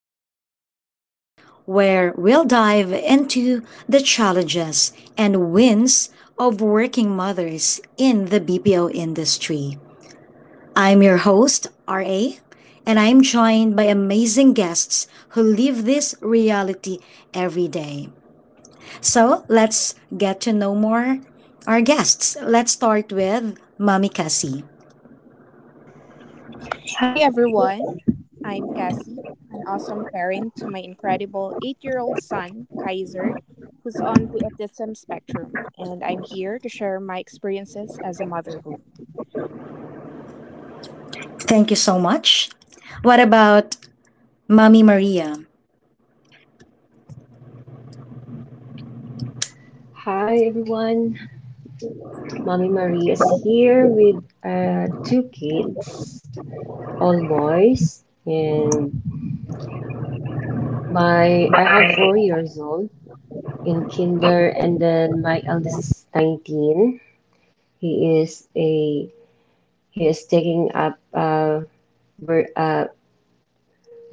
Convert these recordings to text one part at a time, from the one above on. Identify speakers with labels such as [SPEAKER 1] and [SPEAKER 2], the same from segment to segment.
[SPEAKER 1] today's episode, where we'll dive into the challenges and wins of working mothers in the BPO industry. I'm your host, RA, and I'm joined by amazing guests who live this reality every day. So let's get to know more our guests. Let's start with Mami Cassie.
[SPEAKER 2] Hi everyone, I'm Cassie, an awesome parent to my incredible 8-year old son, Kaiser, who's on the autism spectrum, and I'm here to share my experiences as a motherhood.
[SPEAKER 1] Thank you so much. What about Mami Maria?
[SPEAKER 3] Hi everyone, Mommy Marie is here with two kids, all boys, and my I have 4 years old in kinder, and then my eldest is 19. He is a he is taking up ver- uh,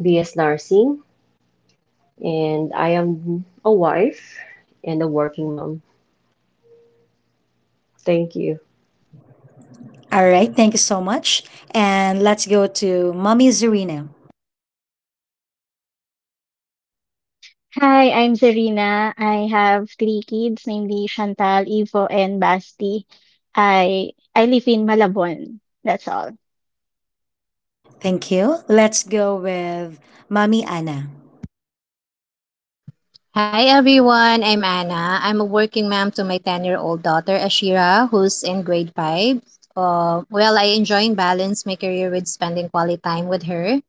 [SPEAKER 3] BS nursing, and I am a wife and a working mom. Thank you.
[SPEAKER 1] All right, thank you so much. And let's go to Mommy Zarina.
[SPEAKER 4] Hi, I'm Serena. I have three kids, namely Chantal, Ivo, and Basti. I live in Malabon. That's all.
[SPEAKER 1] Thank you. Let's go with Mommy Anna.
[SPEAKER 5] Hi everyone, I'm Anna. I'm a working mom to my 10-year-old daughter Ashira, who's in grade 5. Well, I enjoy and balance my career with spending quality time with her.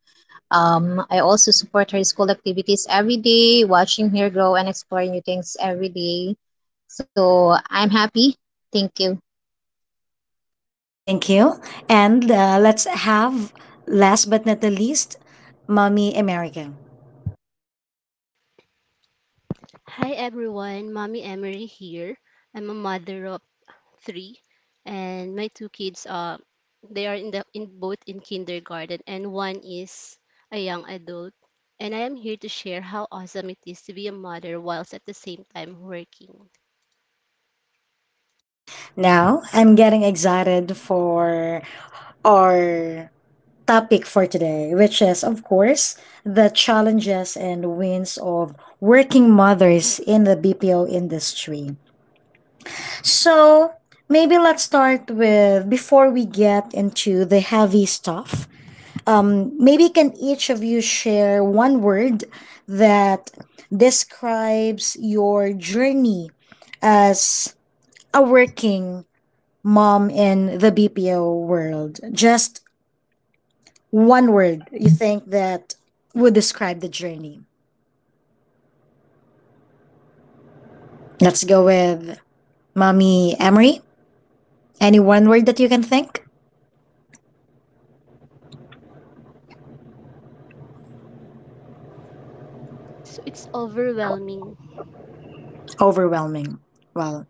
[SPEAKER 5] I also support her school activities every day, watching her grow and explore new things every day. So I'm happy. Thank you.
[SPEAKER 1] Thank you. And let's have, last but not the least, Mommy America.
[SPEAKER 6] Hi everyone, Mommy Emery here. I'm a mother of three, and my two kids are they are in the in both in kindergarten, and one is a young adult. And I am here to share how awesome it is to be a mother whilst at the same time working.
[SPEAKER 1] Now, I'm getting excited for our topic for today, which is, of course, the challenges and wins of working mothers in the BPO industry. So maybe let's start with before we get into the heavy stuff. Maybe can each of you share one word that describes your journey as a working mom in the BPO world? Just one word you think that would describe the journey. Let's go with Mommy Emery. Any one word that you can think?
[SPEAKER 6] So it's overwhelming.
[SPEAKER 1] Overwhelming. Well,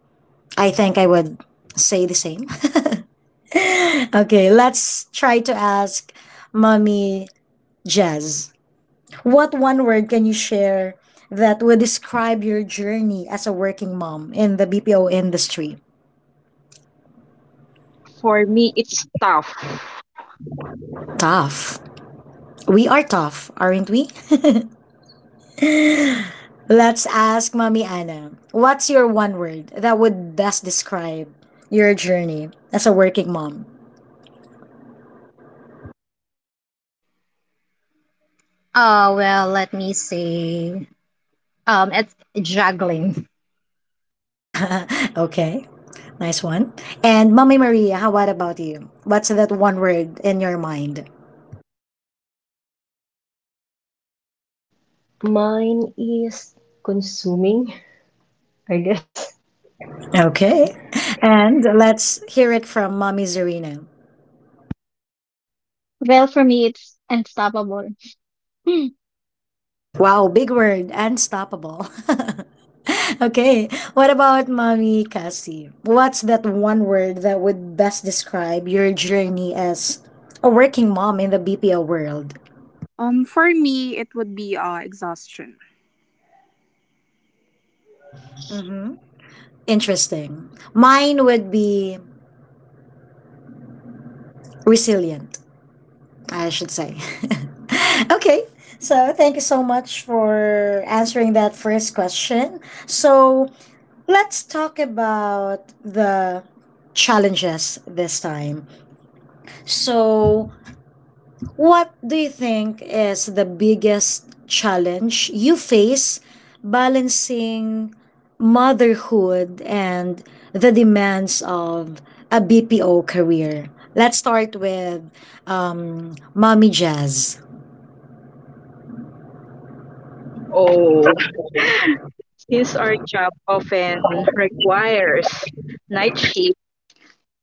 [SPEAKER 1] I think I would say the same. Okay, let's try to ask Mommy Jazz. What one word can you share that would describe your journey as a working mom in the BPO industry?
[SPEAKER 7] For me, it's tough.
[SPEAKER 1] Tough. We are tough, aren't we? Let's ask Mommy Anna. What's your one word that would best describe your journey as a working mom?
[SPEAKER 5] Well, let me say it's juggling.
[SPEAKER 1] Okay. Nice one. And Mommy Maria, how what about you? What's that one word in your mind?
[SPEAKER 3] Mine is consuming, I guess.
[SPEAKER 1] Okay. And let's hear it from Mommy Zarina.
[SPEAKER 4] Well, for me, it's unstoppable.
[SPEAKER 1] Wow, big word, unstoppable. Okay. What about Mommy Cassie? What's that one word that would best describe your journey as a working mom in the BPO world?
[SPEAKER 2] For me, it would be exhaustion.
[SPEAKER 1] Mm-hmm. Interesting. Mine would be resilient, I should say. Okay, so thank you so much for answering that first question. So let's talk about the challenges this time. So, what do you think is the biggest challenge you face balancing motherhood and the demands of a BPO career? Let's start with Mommy Jazz.
[SPEAKER 7] Oh, since our job often requires night shift,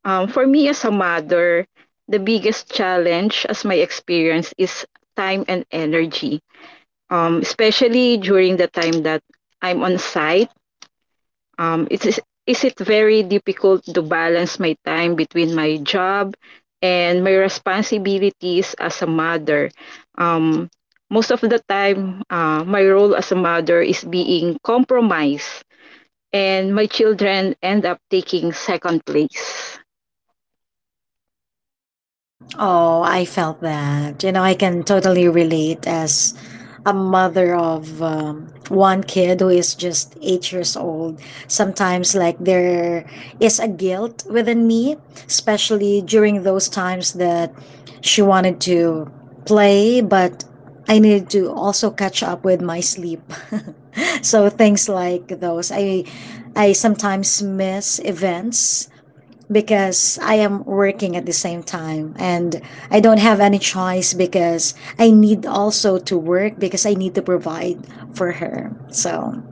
[SPEAKER 7] for me as a mother, the biggest challenge, as my experience, is time and energy, especially during the time that I'm on site. It's, is it very difficult to balance my time between my job and my responsibilities as a mother? Um, most of the time, my role as a mother is being compromised, and my children end up taking second place.
[SPEAKER 1] Oh, I felt that. You know, I can totally relate as a mother of one kid who is just 8 years old. Sometimes, like, there is a guilt within me, especially during those times that she wanted to play, but I needed to also catch up with my sleep. So, things like those. I sometimes miss events because I am working at the same time, and I don't have any choice because I need also to work because I need to provide for her. So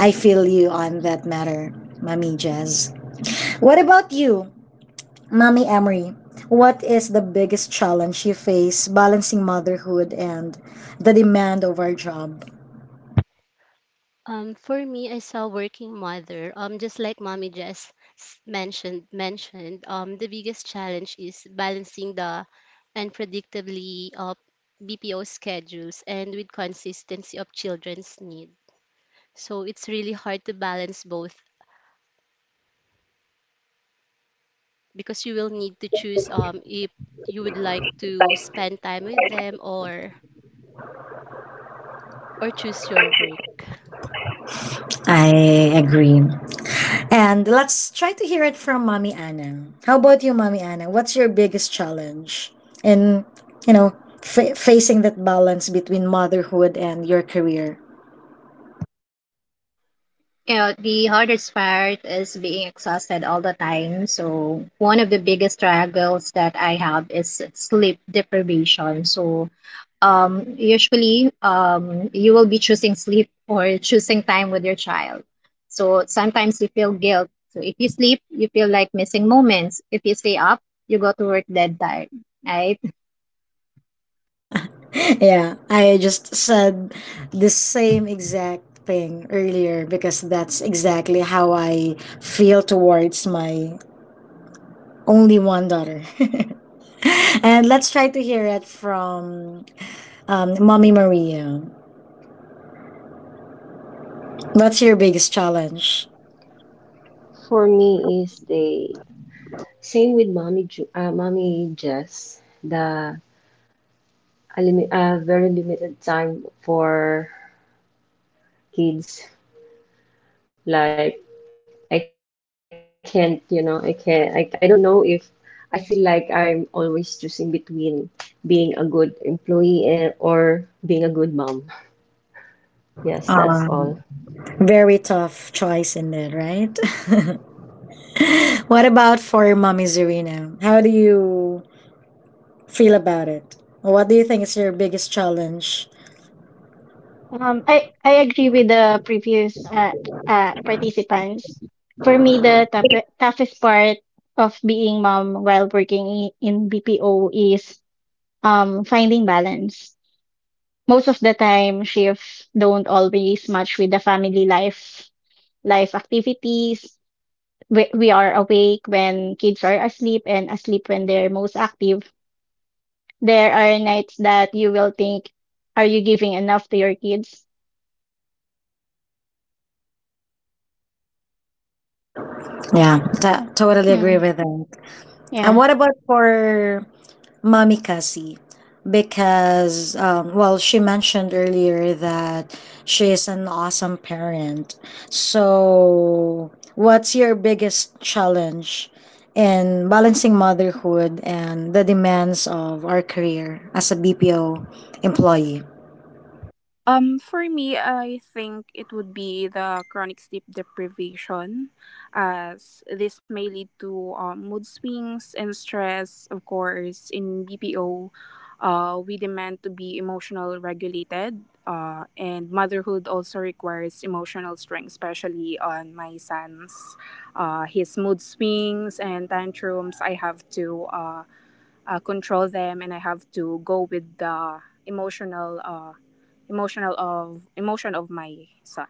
[SPEAKER 1] I feel you on that matter, Mommy Jazz. What about you, Mommy Emery? What is the biggest challenge you face balancing motherhood and the demand of our job?
[SPEAKER 6] For me, as a working mother, just like Mommy just mentioned, the biggest challenge is balancing the unpredictably BPO schedules and with consistency of children's need. So it's really hard to balance both because you will need to choose if you would like to spend time with them or choose your work.
[SPEAKER 1] I agree. And let's try to hear it from Mommy Anna. How about you, Mommy Anna? What's your biggest challenge in, you know, facing that balance between motherhood and your career?
[SPEAKER 5] You know, the hardest part is being exhausted all the time. So, one of the biggest struggles that I have is sleep deprivation. So, usually, you will be choosing sleep or choosing time with your child. So, sometimes you feel guilt. So, if you sleep, you feel like missing moments. If you stay up, you go to work dead tired, right?
[SPEAKER 1] Yeah, I just said the same exact thing earlier because that's exactly how I feel towards my only one daughter. And let's try to hear it from Mommy Maria. What's your biggest challenge?
[SPEAKER 3] For me is the same with Mommy Jess. Very limited time for kids. Like I don't know if I feel like I'm always choosing between being a good employee or being a good mom. Yes, that's all.
[SPEAKER 1] Very tough choice indeed, right? What about for Mommy Zerina? How do you feel about it? What do you think is your biggest challenge?
[SPEAKER 4] I agree with the previous participants. For me, the toughest part of being mom while working in BPO is finding balance. Most of the time, shifts don't always match with the family life life activities. We are awake when kids are asleep and asleep when they're most active. There are nights that you will think, are you giving enough to your kids?
[SPEAKER 1] Yeah, totally agree
[SPEAKER 4] Mm,
[SPEAKER 1] with that. And
[SPEAKER 4] yeah.
[SPEAKER 1] what about for Mommy Cassie, because well, she mentioned earlier that she is an awesome parent. So what's your biggest challenge in balancing motherhood and the demands of our career as a BPO employee?
[SPEAKER 2] For me, I think it would be the chronic sleep deprivation, as this may lead to mood swings and stress. Of course, in BPO, we demand to be emotional regulated, and motherhood also requires emotional strength, especially on my son's, his mood swings and tantrums. I have to control them and I have to go with the emotional uh, emotion of my son.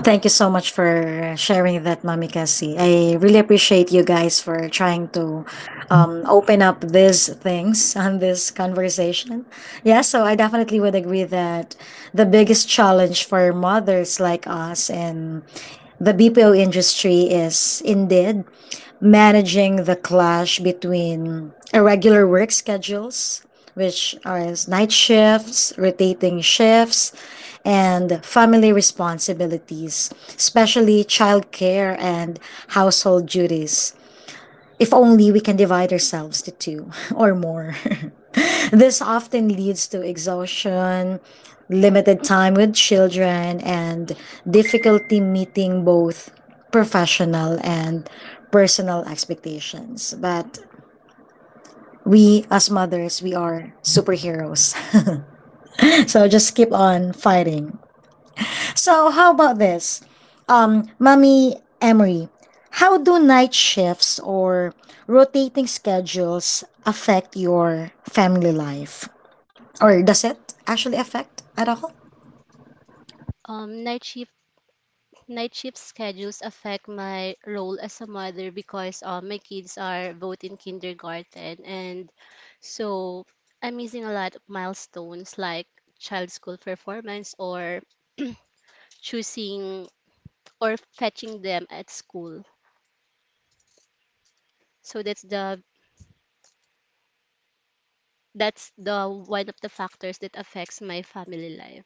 [SPEAKER 1] Thank you so much for sharing that, Mami Cassie. I really appreciate you guys for trying to open up these things on this conversation. Yeah, so I definitely would agree that the biggest challenge for mothers like us in the BPO industry is indeed managing the clash between irregular work schedules, which are night shifts, rotating shifts, and family responsibilities, especially childcare and household duties. If only we can divide ourselves to two or more. This often leads to exhaustion, limited time with children, and difficulty meeting both professional and personal expectations. But we, as mothers, we are superheroes. So just keep on fighting. So, how about this? Mommy Emery, how do night shifts or rotating schedules affect your family life? Or does it actually affect at all?
[SPEAKER 6] Um, night shift night shift schedules affect my role as a mother because my kids are both in kindergarten, and so I'm missing a lot of milestones like child school performance or choosing or fetching them at school. So that's the one of the factors that affects my family life.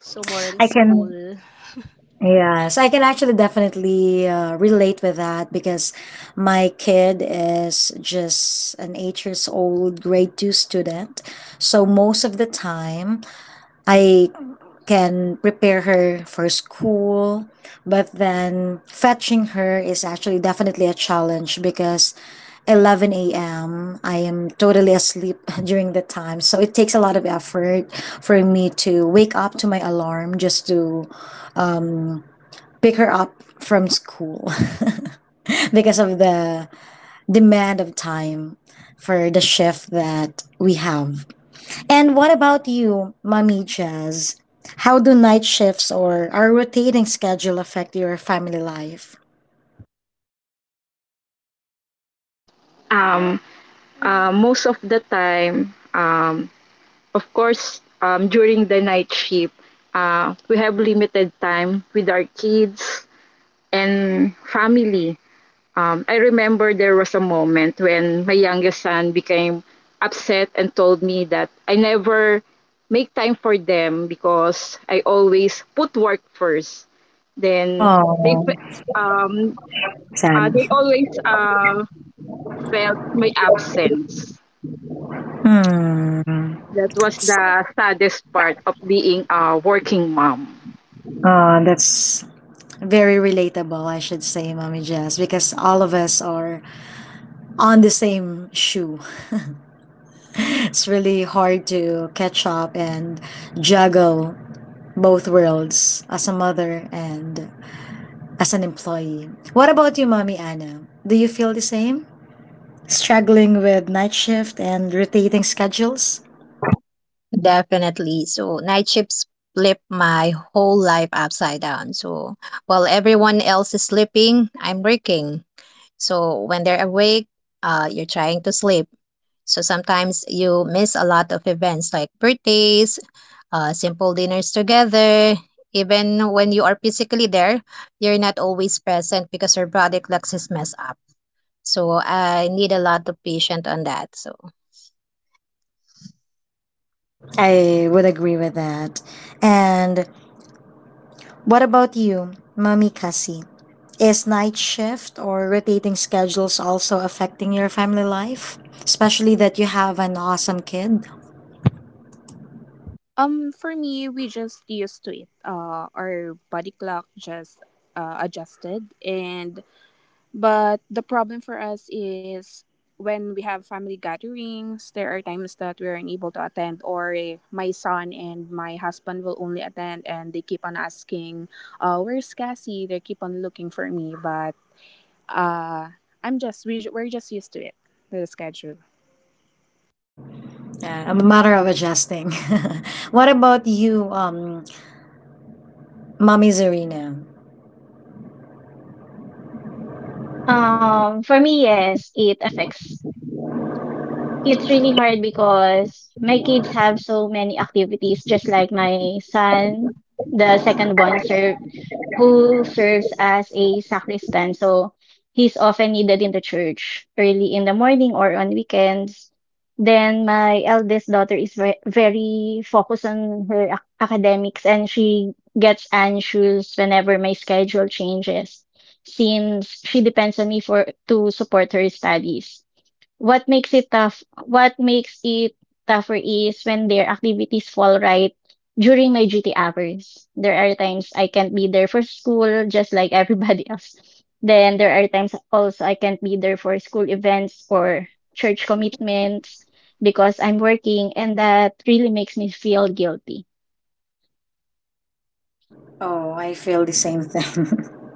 [SPEAKER 6] So more on
[SPEAKER 1] I can.
[SPEAKER 6] school.
[SPEAKER 1] Yes, I can actually definitely relate with that because my kid is just an 8 years old grade two student. So most of the time, I can prepare her for school, but then fetching her is actually definitely a challenge because 11 a.m. I am totally asleep during the time. So it takes a lot of effort for me to wake up to my alarm just to pick her up from school because of the demand of time for the shift that we have. And what about you, Mommy Jazz? How do night shifts or our rotating schedule affect your family life?
[SPEAKER 7] Um, most of the time, of course, during the night shift, we have limited time with our kids and family. I remember there was a moment when my youngest son became upset and told me that I never make time for them because I always put work first. Then they
[SPEAKER 1] Oh,
[SPEAKER 7] fe- um
[SPEAKER 1] sad.
[SPEAKER 7] they always felt my absence.
[SPEAKER 1] Hmm.
[SPEAKER 7] That was the saddest part of being a working mom.
[SPEAKER 1] That's very relatable, I should say, Mommy Jazz, because all of us are on the same shoe. It's really hard to catch up and juggle both worlds as a mother and as an employee. What about you, Mommy Anna? Do you feel the same, struggling with night shift and rotating schedules?
[SPEAKER 5] Definitely. So night shifts flip my whole life upside down. So while everyone else is sleeping, I'm working. So when they're awake, you're trying to sleep. So sometimes you miss a lot of events like birthdays, simple dinners together. Even when you are physically there, you're not always present because your body clocks is messed up. So I need a lot of patience on that. So.
[SPEAKER 1] I would agree with that. And what about you, Mommy Cassie? Is night shift or rotating schedules also affecting your family life? Especially that you have an awesome kid.
[SPEAKER 2] For me, we just used to it. Our body clock just adjusted, and but the problem for us is when we have family gatherings. There are times that we are unable to attend, or eh, my son and my husband will only attend, and they keep on asking, "Where's Cassie?" They keep on looking for me, but Uh, I'm just we we're just used to it, the schedule.
[SPEAKER 1] Yeah, a matter of adjusting. What about you, Mommy Zarina?
[SPEAKER 4] For me, yes, it affects. It's really hard because my kids have so many activities, just like my son, the second one, so who serves as a sacristan. So he's often needed in the church early in the morning or on weekends. Then my eldest daughter is very focused on her academics, and she gets anxious whenever my schedule changes since she depends on me for to support her studies. What makes it tough? What makes it tougher is when their activities fall right during my duty hours. There are times I can't be there for school, just like everybody else. Then there are times also I can't be there for school events or church commitments because I'm working, and that really makes me feel guilty.
[SPEAKER 1] Oh, I feel the same thing.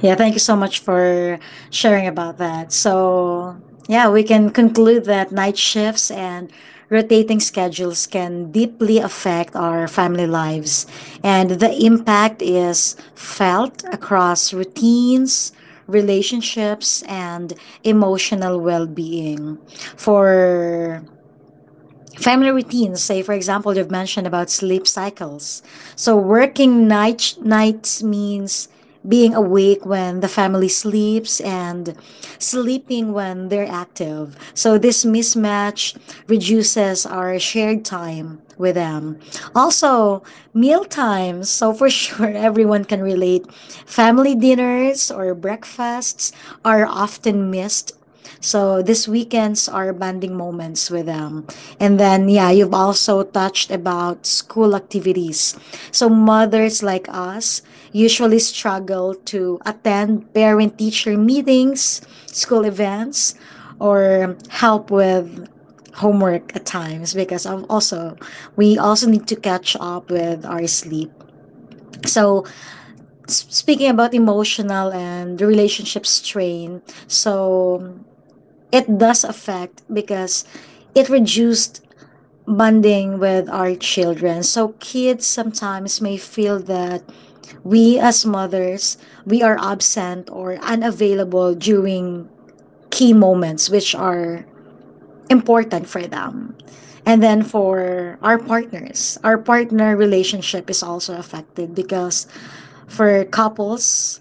[SPEAKER 1] Yeah, thank you so much for sharing about that. So, yeah, we can conclude that night shifts and rotating schedules can deeply affect our family lives, and the impact is felt across routines, relationships, and emotional well being. For family routines, say for example, you've mentioned about sleep cycles, so working nights means being awake when the family sleeps and sleeping when they're active, so this mismatch reduces our shared time with them. Also meal times, so for sure everyone can relate, family dinners or breakfasts are often missed, so these weekends are bonding moments with them. And then yeah, you've also touched about school activities. So mothers like us usually struggle to attend parent teacher meetings, school events, or help with homework at times because of, also, we also need to catch up with our sleep. So speaking about emotional and relationship strain, so it does affect because it reduced bonding with our children. So kids sometimes may feel that we, as mothers, we are absent or unavailable during key moments, which are important for them. And then for our partners, our partner relationship is also affected because for couples,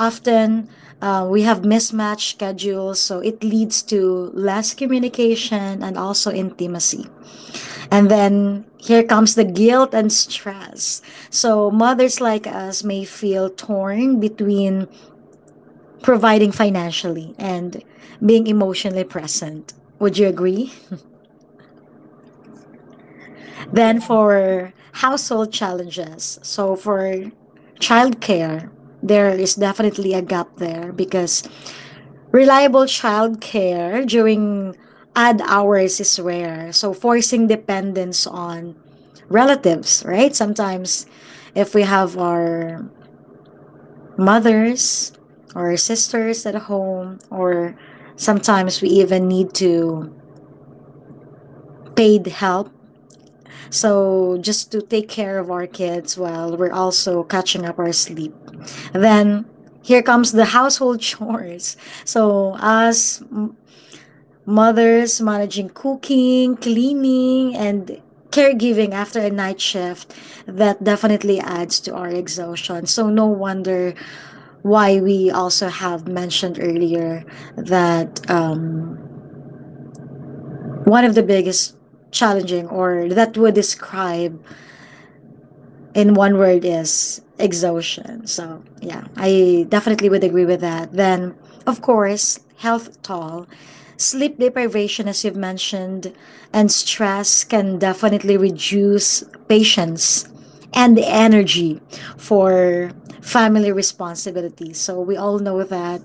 [SPEAKER 1] often, we have mismatched schedules, so it leads to less communication and also intimacy. And then here comes the guilt and stress. So, mothers like us may feel torn between providing financially and being emotionally present. Would you agree? Then, for household challenges, so for childcare, there is definitely a gap there because reliable childcare during odd hours is rare, so forcing dependence on relatives, right? Sometimes if we have our mothers or sisters at home, or sometimes we even need to paid help, so just to take care of our kids while we're also catching up our sleep. Then here comes the household chores, so as mothers, managing cooking, cleaning, and caregiving after a night shift, that definitely adds to our exhaustion. So, no wonder why we also have mentioned earlier that one of the biggest challenging, or that would describe in one word, is exhaustion. So, yeah, I definitely would agree with that. Then, of course, health toll, sleep deprivation, as you've mentioned, and stress can definitely reduce patience and the energy for family responsibilities. So, we all know that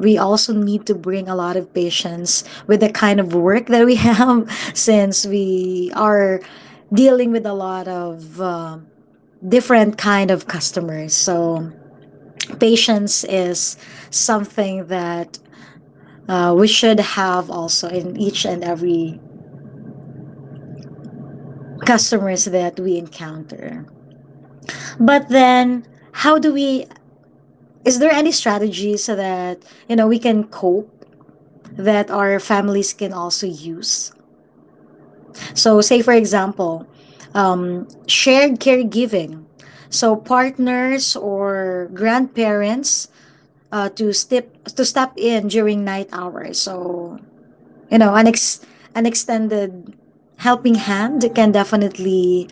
[SPEAKER 1] we also need to bring a lot of patience with the kind of work that we have since we are dealing with a lot of different kind of customers. So patience is something that we should have also in each and every customers that we encounter. But then, how do we? Is there any strategy so that, you know, we can cope that our families can also use? So, say for example, shared caregiving. So partners or grandparents, uh, to step to step in during night hours. So you know, an ex an extended helping hand can definitely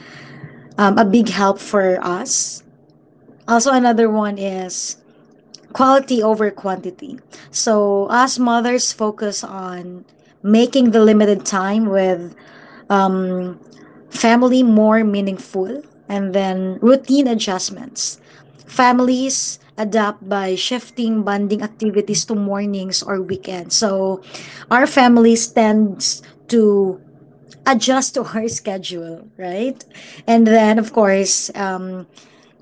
[SPEAKER 1] a big help for us. Also, another one is quality over quantity. So us mothers focus on making the limited time with um, family more meaningful. And then routine adjustments, families adapt by shifting bonding activities to mornings or weekends. So our families tends to adjust to our schedule, right? And then of course,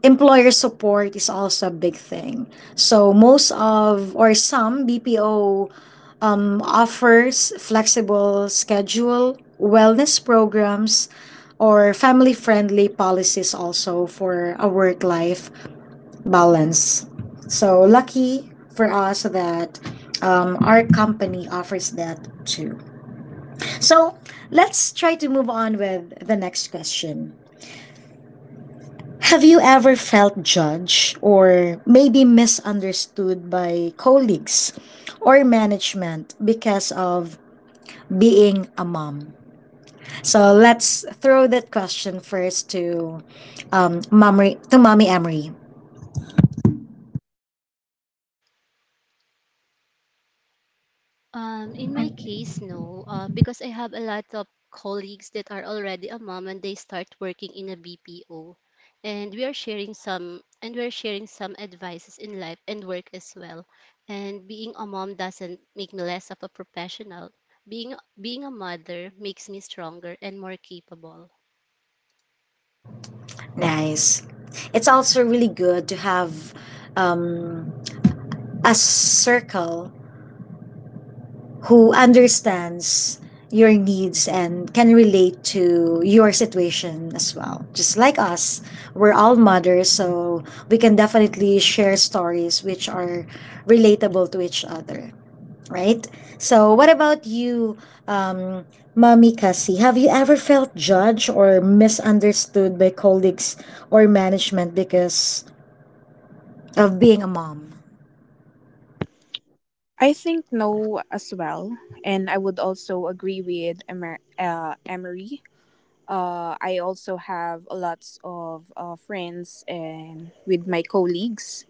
[SPEAKER 1] employer support is also a big thing. So most of or some BPO offers flexible schedule, wellness programs, or family friendly policies also for a work life balance. So lucky for us that our company offers that too. So let's try to move on with the next question. Have you ever felt judged or maybe misunderstood by colleagues or management because of being a mom? So let's throw that question first to Mommy Emery.
[SPEAKER 6] In my case, no, because I have a lot of colleagues that are already a mom and they start working in a BPO, and we're sharing some advices in life and work as well. And being a mom doesn't make me less of a professional. Being a mother makes me stronger and more capable.
[SPEAKER 1] Nice. It's also really good to have um, a circle who understands your needs and can relate to your situation as well. Just like us, we're all mothers, so we can definitely share stories which are relatable to each other, right? So, what about you, um, Mommy Cassie? Have you ever felt judged or misunderstood by colleagues or management because of being a mom?
[SPEAKER 2] I think no as well, and I would also agree with Emery. I also have lots of friends and with my colleagues,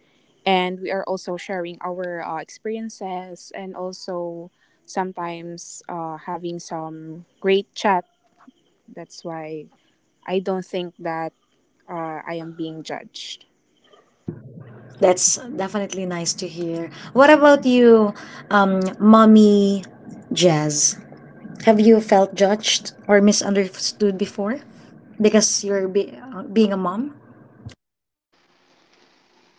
[SPEAKER 2] and we are also sharing our experiences and also sometimes having some great chat. That's why I don't think that I am being judged.
[SPEAKER 1] That's definitely nice to hear. What about you, mommy Jazz? Have you felt judged or misunderstood before because being a mom?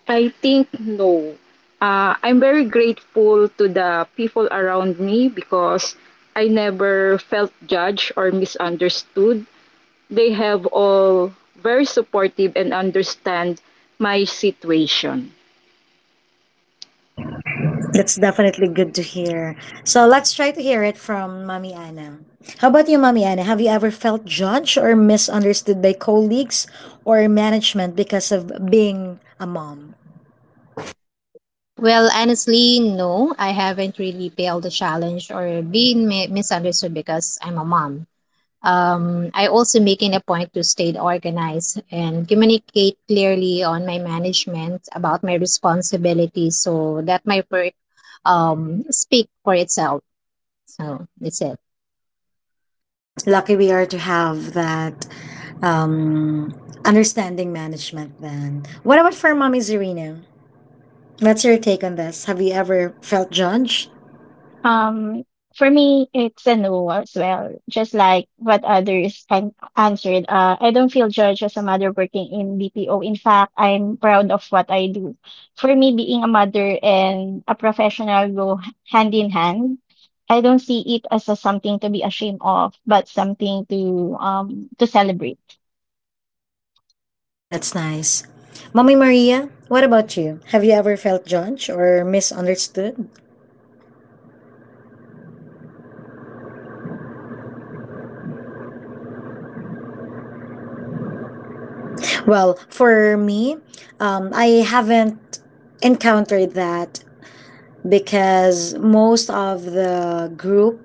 [SPEAKER 7] I think no. I'm very grateful to the people around me because I never felt judged or misunderstood. They have all very supportive and understand my situation.
[SPEAKER 1] That's definitely good to hear. So let's try to hear it from Mommy Anna. How about you, Mommy Anna? Have you ever felt judged or misunderstood by colleagues or management because of being a mom?
[SPEAKER 5] Well, honestly, no, I haven't really failed the challenge or been misunderstood because I'm a mom. I also making a point to stay organized and communicate clearly on my management about my responsibilities so that my work speak for itself. So that's it.
[SPEAKER 1] Lucky we are to have that um, understanding management then. What about for Mommy Zerina? What's your take on this? Have you ever felt judged?
[SPEAKER 4] Um, for me, it's a no as well. Just like what others answered, I don't feel judged as a mother working in BPO. In fact, I'm proud of what I do. For me, being a mother and a professional go hand in hand. I don't see it as a something to be ashamed of, but something to celebrate.
[SPEAKER 1] That's nice. Mommy Maria, what about you? Have you ever felt judged or misunderstood? Well, for me, I haven't encountered that because most of the group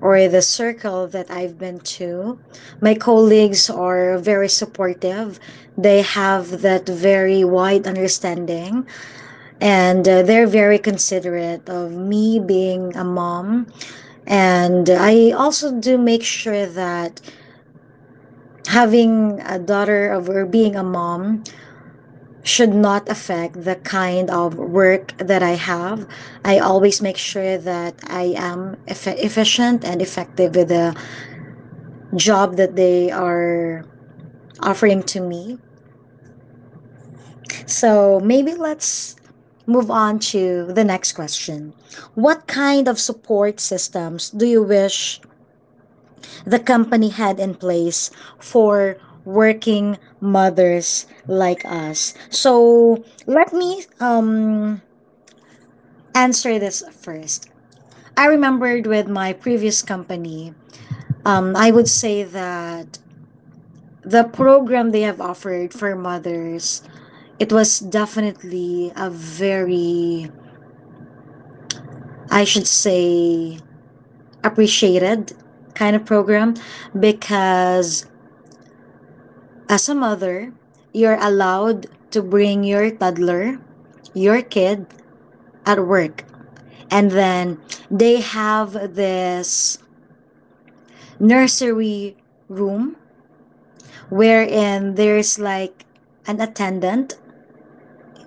[SPEAKER 1] or the circle that I've been to, my colleagues are very supportive. They have that very wide understanding and they're very considerate of me being a mom. And I also do make sure that having a daughter of, or being a mom should not affect the kind of work that I have. I always make sure that I am efficient and effective with the job that they are offering to me. So maybe let's move on to the next question. What kind of support systems do you wish the company had in place for working mothers like us? So let me answer this first. I remembered with my previous company, I would say that the program they have offered for mothers, it was definitely a very, I should say, appreciated kind of program because as a mother, you're allowed to bring your toddler, your kid at work. And then they have this nursery room wherein there's like an attendant.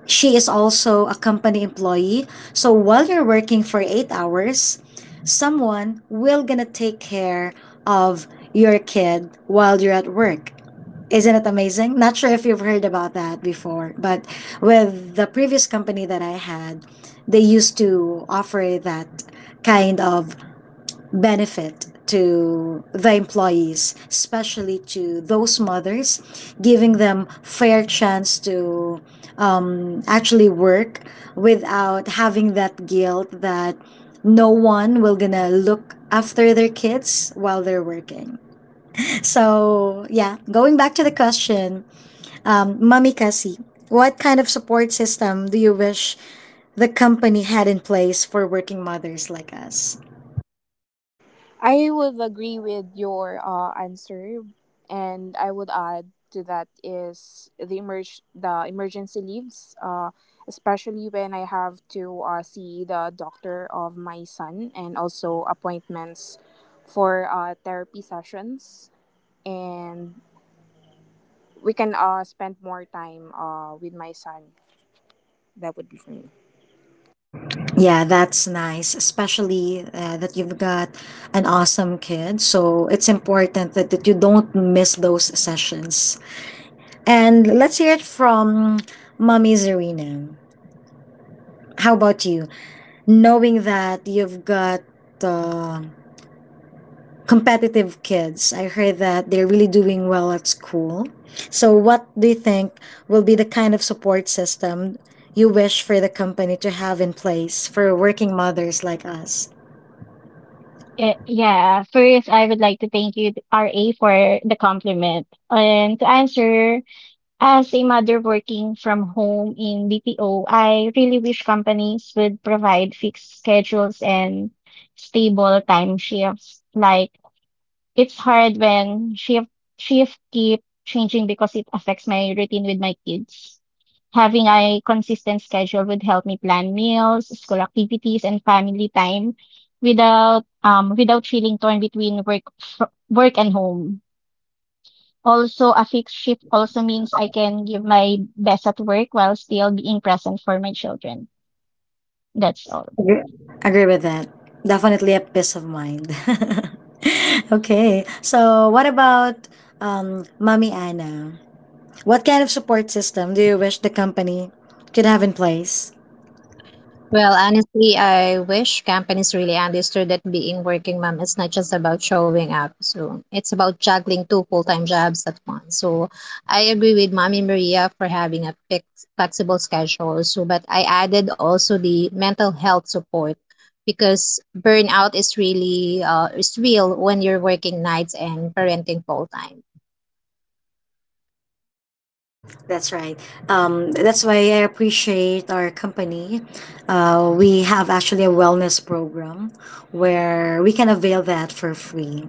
[SPEAKER 1] She is also a company employee. So while you're working for 8 hours, someone will gonna take care of your kid while you're at work. Isn't it amazing? Not sure if you've heard about that before, but with the previous company that I had, they used to offer that kind of benefit to the employees, especially to those mothers, giving them fair chance to actually work without having that guilt that no one will gonna look after their kids while they're working. So yeah, going back to the question, Mommy Cassie, what kind of support system do you wish the company had in place for working mothers like us?
[SPEAKER 2] I would agree with your answer, and I would add to that is the emergency leaves, especially when I have to see the doctor of my son, and also appointments for therapy sessions, and we can spend more time with my son. That would be for me.
[SPEAKER 1] Yeah, that's nice, especially that you've got an awesome kid. So it's important that you don't miss those sessions. And let's hear it from Mommy Zarina. How about you? Knowing that you've got uh, competitive kids, I heard that they're really doing well at school. So, what do you think will be the kind of support system you wish for the company to have in place for working mothers like us?
[SPEAKER 4] Eh, yeah, first I would like to thank you, RA, for the compliment. And to answer, as a mother working from home in BPO, I really wish companies would provide fixed schedules and stable time shifts. Like, it's hard when shift keep changing because it affects my routine with my kids. Having a consistent schedule would help me plan meals, school activities, and family time without without feeling torn between work and home. Also, a fixed shift also means I can give my best at work while still being present for my children. That's all.
[SPEAKER 1] Agree with that. Definitely a peace of mind. Okay. So, what about Mommy Anna? What kind of support system do you wish the company could have in place?
[SPEAKER 5] Well, honestly, I wish companies really understood that being working mom is not just about showing up. So it's about juggling two full-time jobs at once. So I agree with Mommy Maria for having a flexible schedule. So, but I added also the mental health support because burnout is really is real when you're working nights and parenting full-time.
[SPEAKER 1] That's right. That's why I appreciate our company. We have actually a wellness program where we can avail that for free.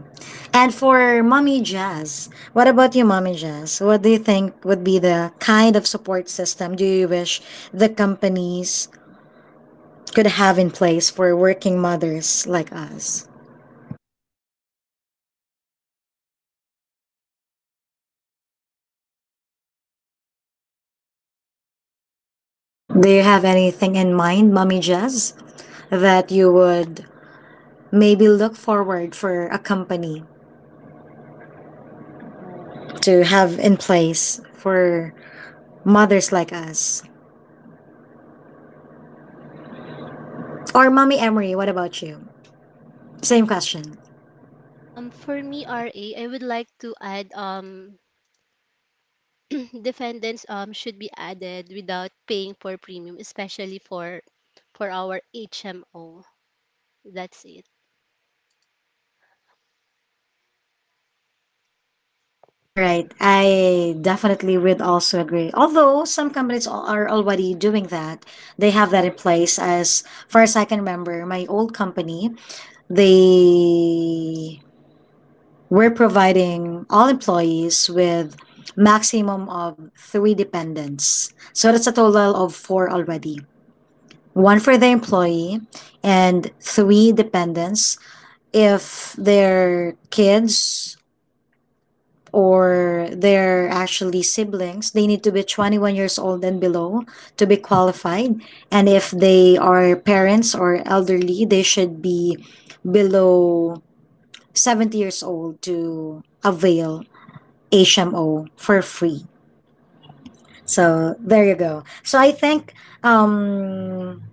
[SPEAKER 1] And for Mommy Jazz, what about you, Mommy Jazz? What do you think would be the kind of support system do you wish the companies could have in place for working mothers like us? Do you have anything in mind, Mommy Jazz, that you would maybe look forward for a company to have in place for mothers like us? Or Mommy Emery, what about you? Same question.
[SPEAKER 6] For me, RA, I would like to add defendants should be added without paying for premium, especially for our HMO. That's it.
[SPEAKER 1] All right, I definitely would also agree. Although some companies are already doing that, they have that in place. As far as I can remember, my old company, they were providing all employees with maximum of 3 dependents. So that's a total of 4 already. One for the employee, and 3 dependents. If they're kids or they're actually siblings, they need to be 21 years old and below to be qualified, and if they are parents or elderly, they should be below 70 years old to avail HMO for free. So there you go. So I think um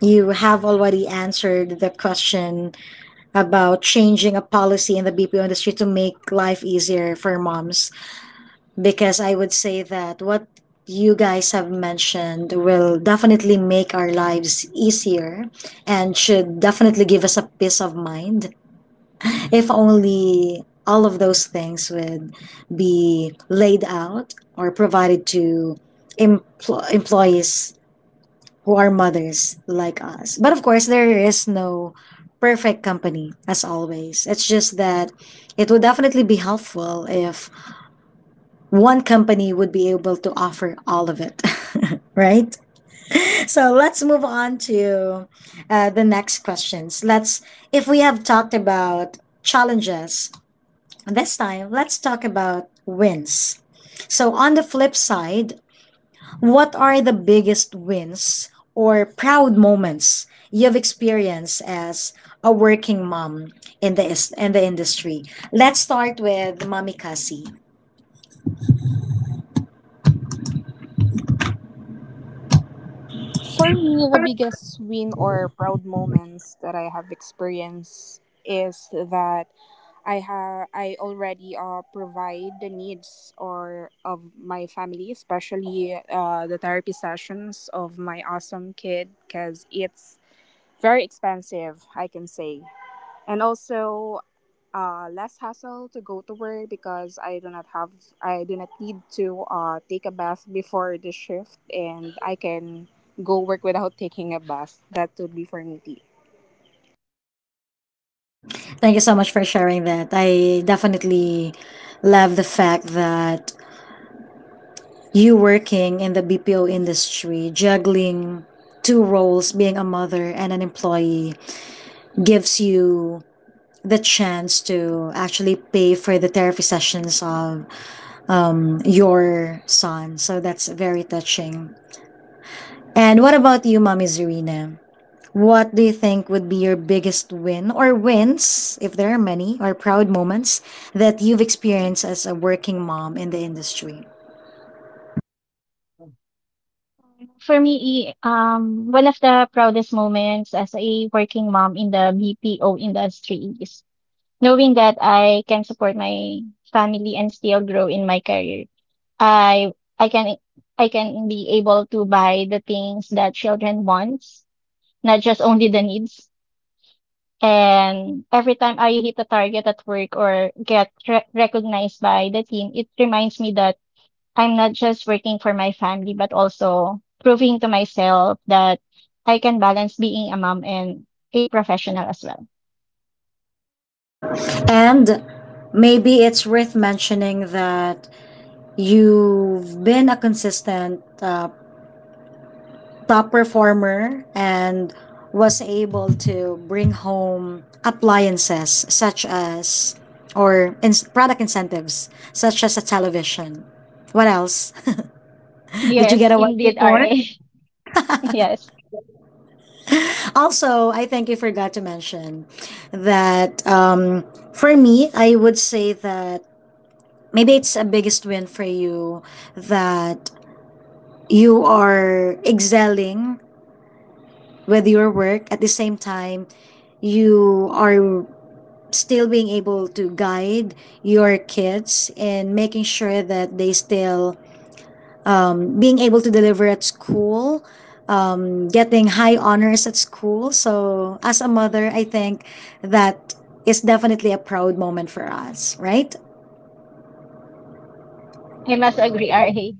[SPEAKER 1] you have already answered the question about changing a policy in the BPO industry to make life easier for moms, because I would say that what you guys have mentioned will definitely make our lives easier and should definitely give us a peace of mind if only all of those things would be laid out or provided to employees who are mothers like us. But of course, there is no perfect company as always. It's just that it would definitely be helpful if one company would be able to offer all of it, right? So let's move on to the next questions. Let's, if we have talked about challenges, this time let's talk about wins. So on the flip side, what are the biggest wins or proud moments you've experienced as a working mom in the industry? Let's start with Mommy Cassie.
[SPEAKER 2] For me, the biggest win or proud moments that I have experienced is that I already provide the needs or of my family, especially the therapy sessions of my awesome kid, because it's very expensive, I can say and also less hassle to go to work because I do not need to take a bath before the shift and I can go work without taking a bath. That would be for me.
[SPEAKER 1] Thank you so much for sharing that. I definitely love the fact that you working in the BPO industry, juggling 2 roles, being a mother and an employee, gives you the chance to actually pay for the therapy sessions of your son. So that's very touching. And what about you, Mommy Zarina? What do you think would be your biggest win or wins, if there are many, or proud moments that you've experienced as a working mom in the industry?
[SPEAKER 4] For me, one of the proudest moments as a working mom in the BPO industry is knowing that I can support my family and still grow in my career. I I can I can be able to buy the things that children wants, not just only the needs. And every time I hit a target at work or get recognized by the team, it reminds me that I'm not just working for my family, but also proving to myself that I can balance being a mom and a professional as well.
[SPEAKER 1] And maybe it's worth mentioning that you've been a consistent top performer and was able to bring home appliances such as product incentives such as a television. What else? Did you
[SPEAKER 4] Yes,
[SPEAKER 1] get a watch
[SPEAKER 4] indeed,
[SPEAKER 1] before?
[SPEAKER 4] RA. Yes,
[SPEAKER 1] Also, I think you forgot to mention that for me, I would say that maybe it's a biggest win for you that you are excelling with your work, at the same time you are still being able to guide your kids and making sure that they still being able to deliver at school, getting high honors at school. So as a mother, I think that is definitely a proud moment for us, right?
[SPEAKER 4] I must agree, RA.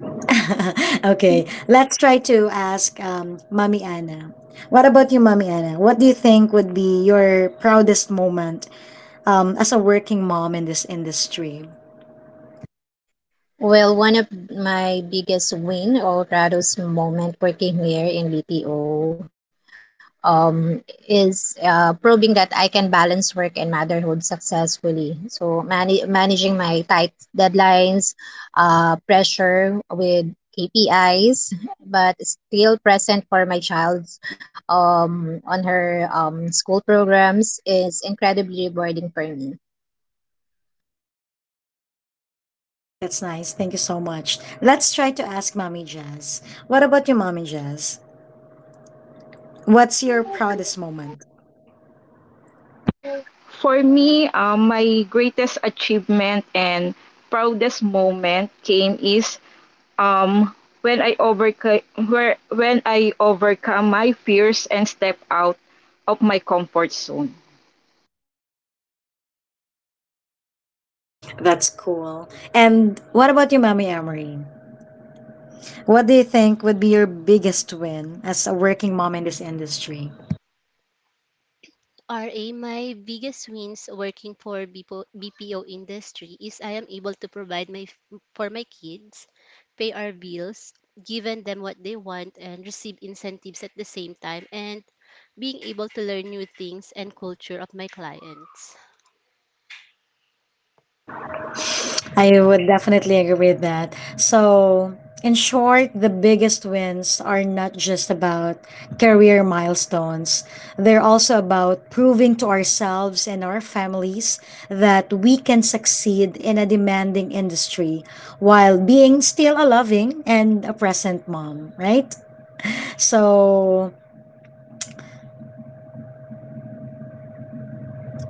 [SPEAKER 1] Okay, let's try to ask Mommy Anna. What about you, Mommy Anna? What do you think would be your proudest moment as a working mom in this industry?
[SPEAKER 5] Well, one of my biggest win or proudest moment working here in BPO um, is proving that I can balance work and motherhood successfully. So managing my tight deadlines, pressure with KPIs, but still present for my child on her school programs is incredibly rewarding for me.
[SPEAKER 1] That's nice. Thank you so much. Let's try to ask Mommy Jazz. What about you, Mommy Jazz? What's your proudest moment?
[SPEAKER 7] For me, my greatest achievement and proudest moment came is um, when I overcame where when I overcome my fears and step out of my comfort zone.
[SPEAKER 1] That's cool. And what about you, Mommy Emery? What do you think would be your biggest win as a working mom in this industry?
[SPEAKER 6] RA, my biggest wins working for BPO industry is I am able to provide my for my kids, pay our bills, given them what they want, and receive incentives at the same time, and being able to learn new things and culture of my clients.
[SPEAKER 1] I would definitely agree with that. So, in short, the biggest wins are not just about career milestones. They're also about proving to ourselves and our families that we can succeed in a demanding industry while being still a loving and a present mom, right? So,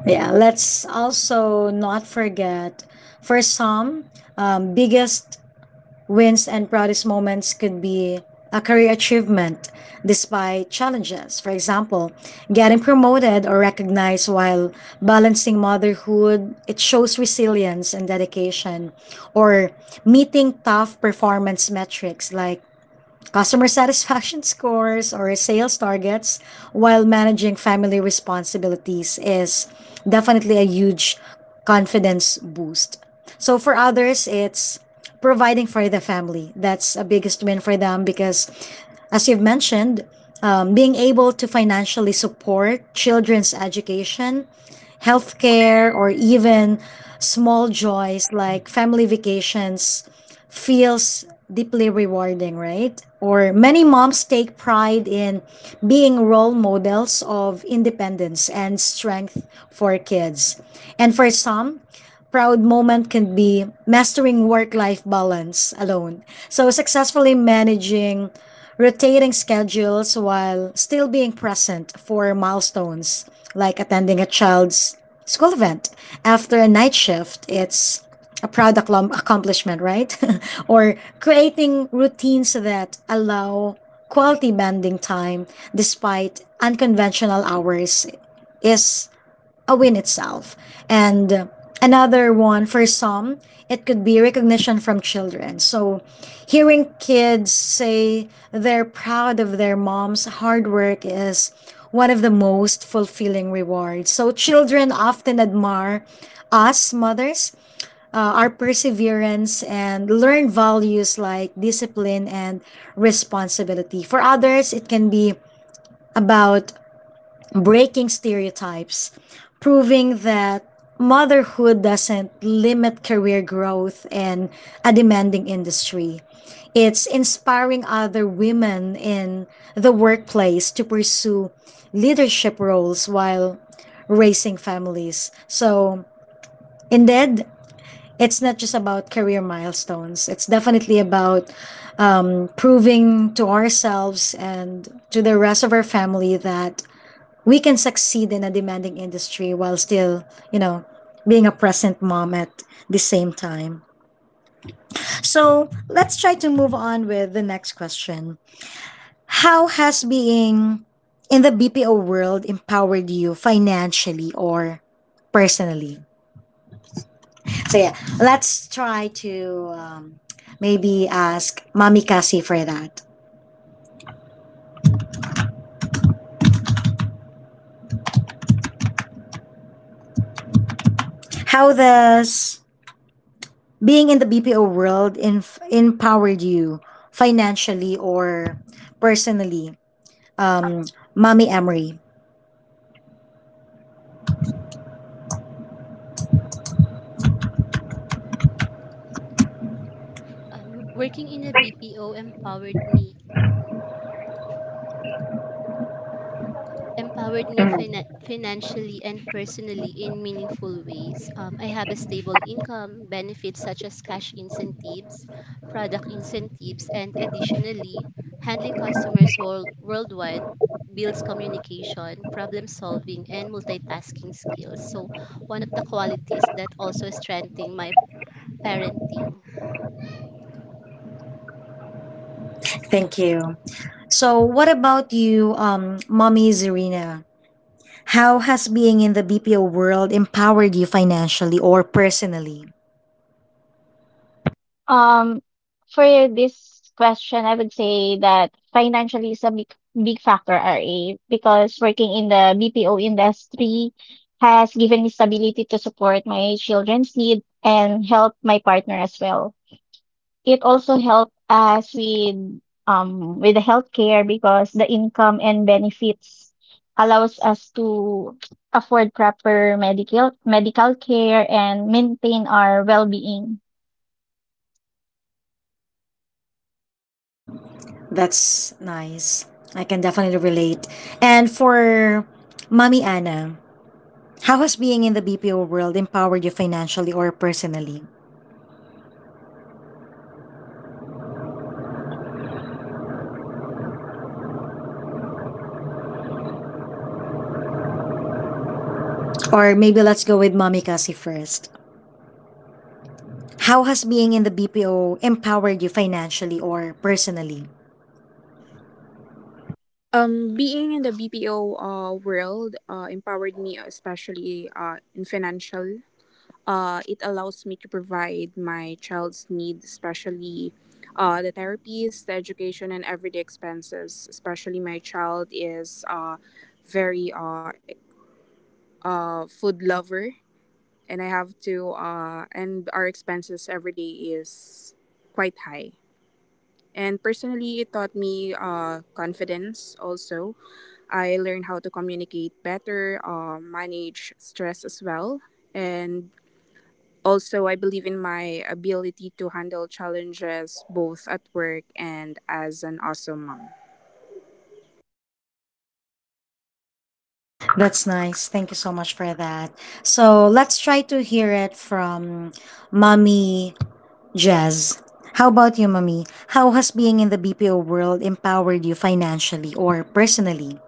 [SPEAKER 1] yeah, let's also not forget, for some, biggest wins and proudest moments could be a career achievement despite challenges. For example, getting promoted or recognized while balancing motherhood, it shows resilience and dedication. Or meeting tough performance metrics like customer satisfaction scores or sales targets while managing family responsibilities is definitely a huge confidence boost. So for others, it's providing for the family. That's a biggest win for them because, as you've mentioned, being able to financially support children's education, healthcare, or even small joys like family vacations feels deeply rewarding, right? Or many moms take pride in being role models of independence and strength for kids. And for some, proud moment can be mastering work life balance alone. So, successfully managing rotating schedules while still being present for milestones like attending a child's school event after a night shift. It's a proud accomplishment, right? Or creating routines that allow quality bonding time despite unconventional hours is a win itself. And another one, for some, it could be recognition from children. So hearing kids say they're proud of their mom's hard work is one of the most fulfilling rewards. So children often admire us mothers, our perseverance, and learn values like discipline and responsibility. For others, it can be about breaking stereotypes, proving that motherhood doesn't limit career growth in a demanding industry. It's inspiring other women in the workplace to pursue leadership roles while raising families. So, indeed, it's not just about career milestones, it's definitely about proving to ourselves and to the rest of our family that we can succeed in a demanding industry while still, you know, being a present mom at the same time. So let's try to move on with the next question. How has being in the BPO world empowered you financially or personally? So yeah, let's try to maybe ask Mommy Cassie for that. How does being in the BPO world empowered you financially or personally? Um, Mommy Emery.
[SPEAKER 6] Working in a BPO empowered me financially and personally in meaningful ways. I have a stable income, benefits such as cash incentives, product incentives, and additionally, handling customers worldwide builds communication, problem solving, and multitasking skills. So, one of the qualities that also strengthen my parenting.
[SPEAKER 1] Thank you. So, what about you, Mommy Zarina? How has being in the BPO world empowered you financially or personally?
[SPEAKER 4] Um, for this question, I would say that financially is a big factor, RA, because working in the BPO industry has given me stability to support my children's need and help my partner as well. It also helped us with the healthcare because the income and benefits allows us to afford proper medical care and maintain our well-being.
[SPEAKER 1] That's nice. I can definitely relate. And for Mommy Anna, how has being in the BPO world empowered you financially or personally? Or maybe let's go with Mommy Cassie first. How has being in the BPO empowered you financially or personally?
[SPEAKER 2] Being in the BPO world empowered me, especially in financial. It allows me to provide my child's needs, especially the therapies, the education, and everyday expenses. Especially my child is very food lover, and I have to and our expenses every day is quite high. And personally, it taught me confidence also. I learned how to communicate better, manage stress as well. And also, I believe in my ability to handle challenges both at work and as an awesome mom.
[SPEAKER 1] That's nice. Thank you so much for that. So let's try to hear it from Mommy Jazz. How about you, Mommy? How has being in the BPO world empowered you financially or personally?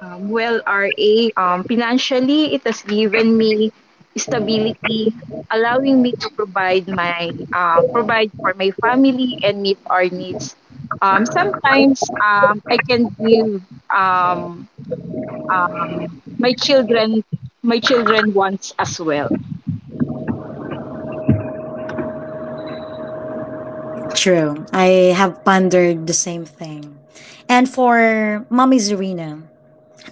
[SPEAKER 7] Well, RA, financially, it has given me stability, allowing me to provide for my family and meet our needs. Sometimes I can give um, um, my children my children wants as well.
[SPEAKER 1] True. I have pondered the same thing. And for Mommy Zarina,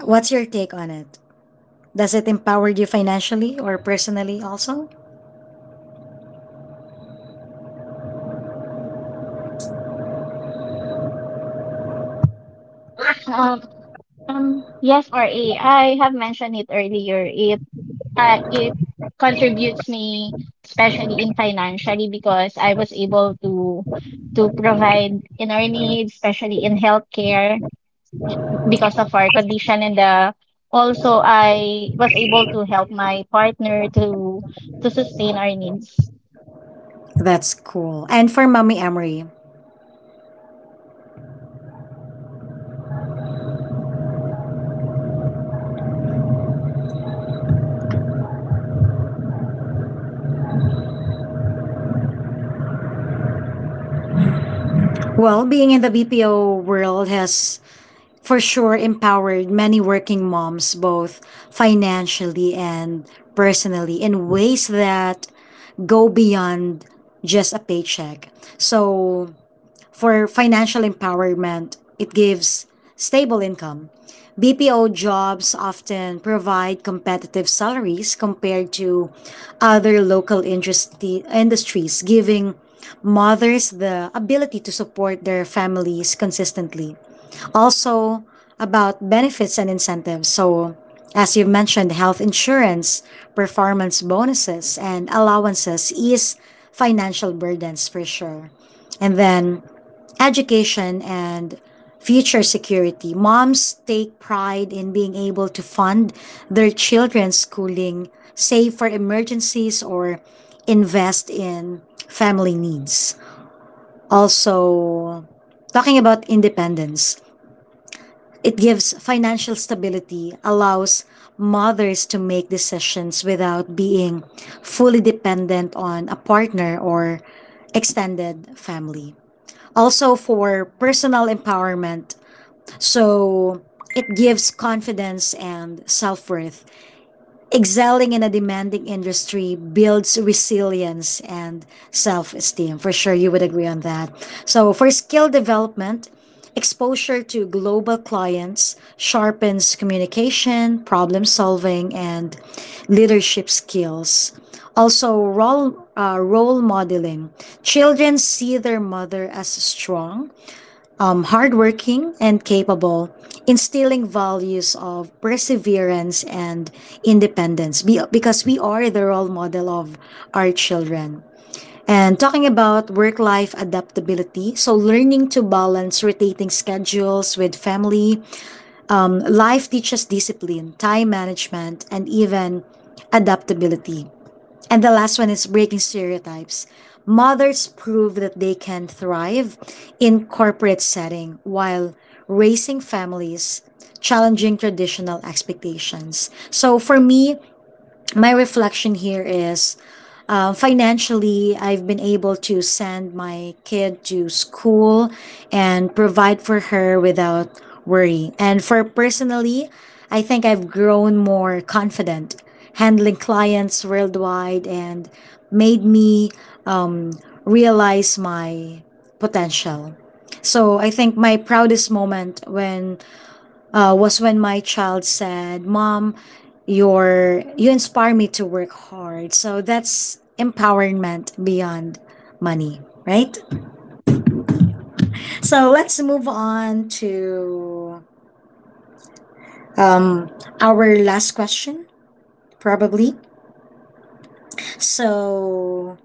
[SPEAKER 1] what's your take on it? Does it empower you financially or personally also?
[SPEAKER 4] Um, Um, yes, R. A. I have mentioned it earlier. It it contributes me, especially in financially, because I was able to provide in our needs, especially in healthcare, j- because of our condition, and also I was able to help my partner to sustain our needs.
[SPEAKER 1] That's cool. And for Mommy Emery, well, being in the BPO world has for sure empowered many working moms, both financially and personally, in ways that go beyond just a paycheck. So, for financial empowerment. It gives stable income. BPO jobs often provide competitive salaries compared to other local industries, giving mothers the ability to support their families consistently. Also, about benefits and incentives. So, as you've mentioned, health insurance, performance bonuses, and allowances ease financial burdens for sure. And then education and future security. Moms take pride in being able to fund their children's schooling, save for emergencies, or invest in family needs. Also, talking about independence, it gives financial stability, allows mothers to make decisions without being fully dependent on a partner or extended family also for personal empowerment. So it gives confidence and self worth. Excelling in a demanding industry builds resilience and self esteem. For sure, you would agree on that. So, for skill development, exposure to global clients sharpens communication, problem solving, and leadership skills. Also, role modeling. Children see their mother as strong, hardworking and capable, instilling values of perseverance and independence because we are the role model of our children. And talking about work life adaptability, so learning to balance rotating schedules with family, life teaches discipline, time management, and even adaptability. And the last one is breaking stereotypes. Mothers prove that they can thrive in corporate setting while raising families, challenging traditional expectations. So for me, my reflection here is financially, I've been able to send my kid to school and provide for her without worry. And for personally, I think I've grown more confident handling clients worldwide and made me um, realize my potential. So I think my proudest moment when was when my child said, "Mom, you inspire me to work hard." So that's empowerment beyond money, right? So let's move on to um, our last question, probably. So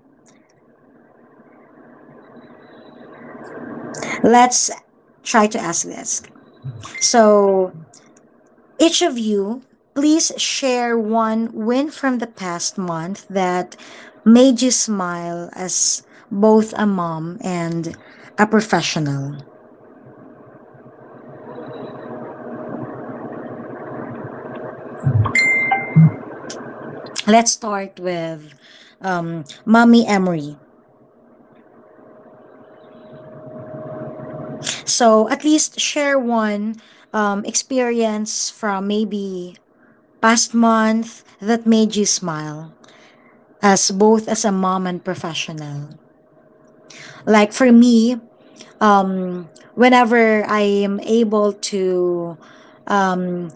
[SPEAKER 1] let's try to ask this. So each of you, please share one win from the past month that made you smile as both a mom and a professional. Let's start with Mommy Emery. So, at least share one experience from maybe past month that made you smile as both as a mom and professional. Like for me, um, whenever I am able to um,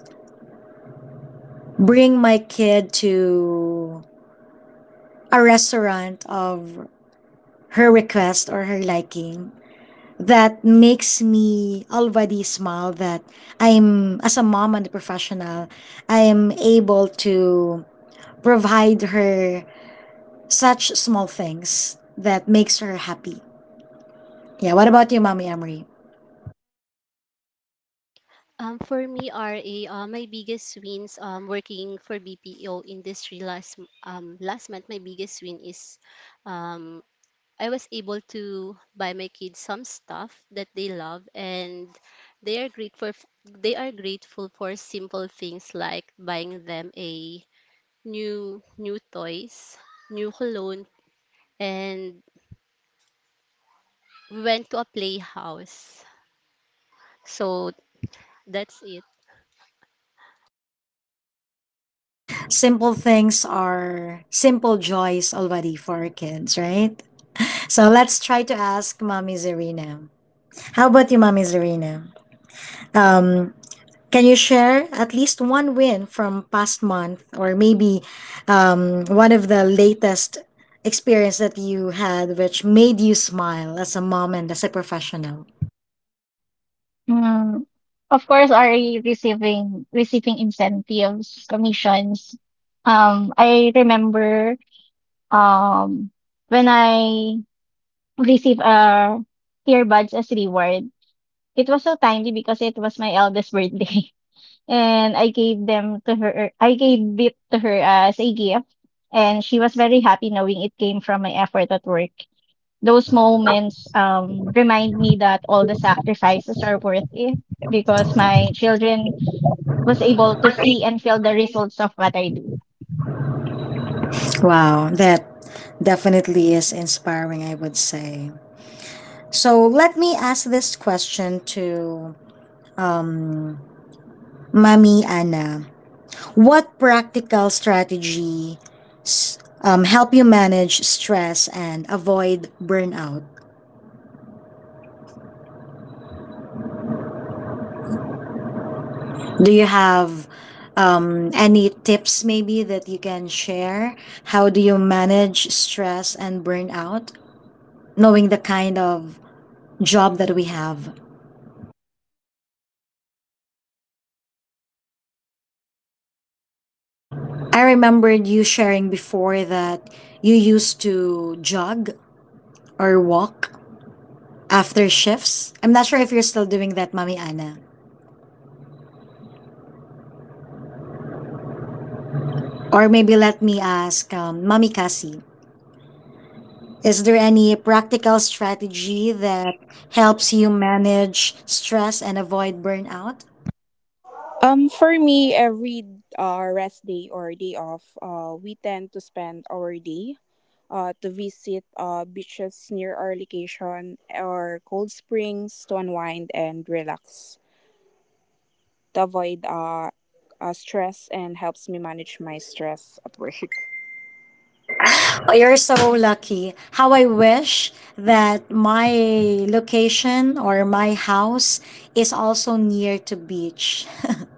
[SPEAKER 1] bring my kid to a restaurant of her request or her liking, that makes me already smile that as a mom and a professional, I am able to provide her such small things that makes her happy. Yeah, what about you, Mommy Emery?
[SPEAKER 6] For me, RA, my biggest wins working for BPO industry last last month, my biggest win is um, I was able to buy my kids some stuff that they love, and they are grateful. They are grateful for simple things like buying them a new toys, new cologne, and we went to a playhouse. So that's it.
[SPEAKER 1] Simple things are simple joys already for our kids, right? So let's try to ask Mommy Zarina. How about you, Mommy Zarina? Um, can you share at least one win from past month or maybe one of the latest experience that you had which made you smile as a mom and as a professional?
[SPEAKER 4] Mm, of course, RA, receiving incentives, commissions. I remember um when I received earbuds as reward. It was so timely because it was my eldest birthday. And I gave it to her as a gift, and she was very happy knowing it came from my effort at work. Those moments remind me that all the sacrifices are worth it because my children was able to see and feel the results of what I do.
[SPEAKER 1] Wow, that definitely is inspiring, I would say. So let me ask this question to Mami Ana, what practical strategies help you manage stress and avoid burnout? Do you have any tips maybe that you can share? How do you manage stress and burnout, knowing the kind of job that we have? I remembered you sharing before that you used to jog or walk after shifts. I'm not sure if you're still doing that, Mami Ana. Or maybe let me ask Mommy Cassie, is there any practical strategy that helps you manage stress and avoid burnout?
[SPEAKER 2] For me, every rest day or day off, we tend to spend our day to visit beaches near our location or cold springs to unwind and relax, to avoid stress, and helps me manage my stress at work.
[SPEAKER 1] Oh, you're so lucky. How I wish that my location or my house is also near to beach.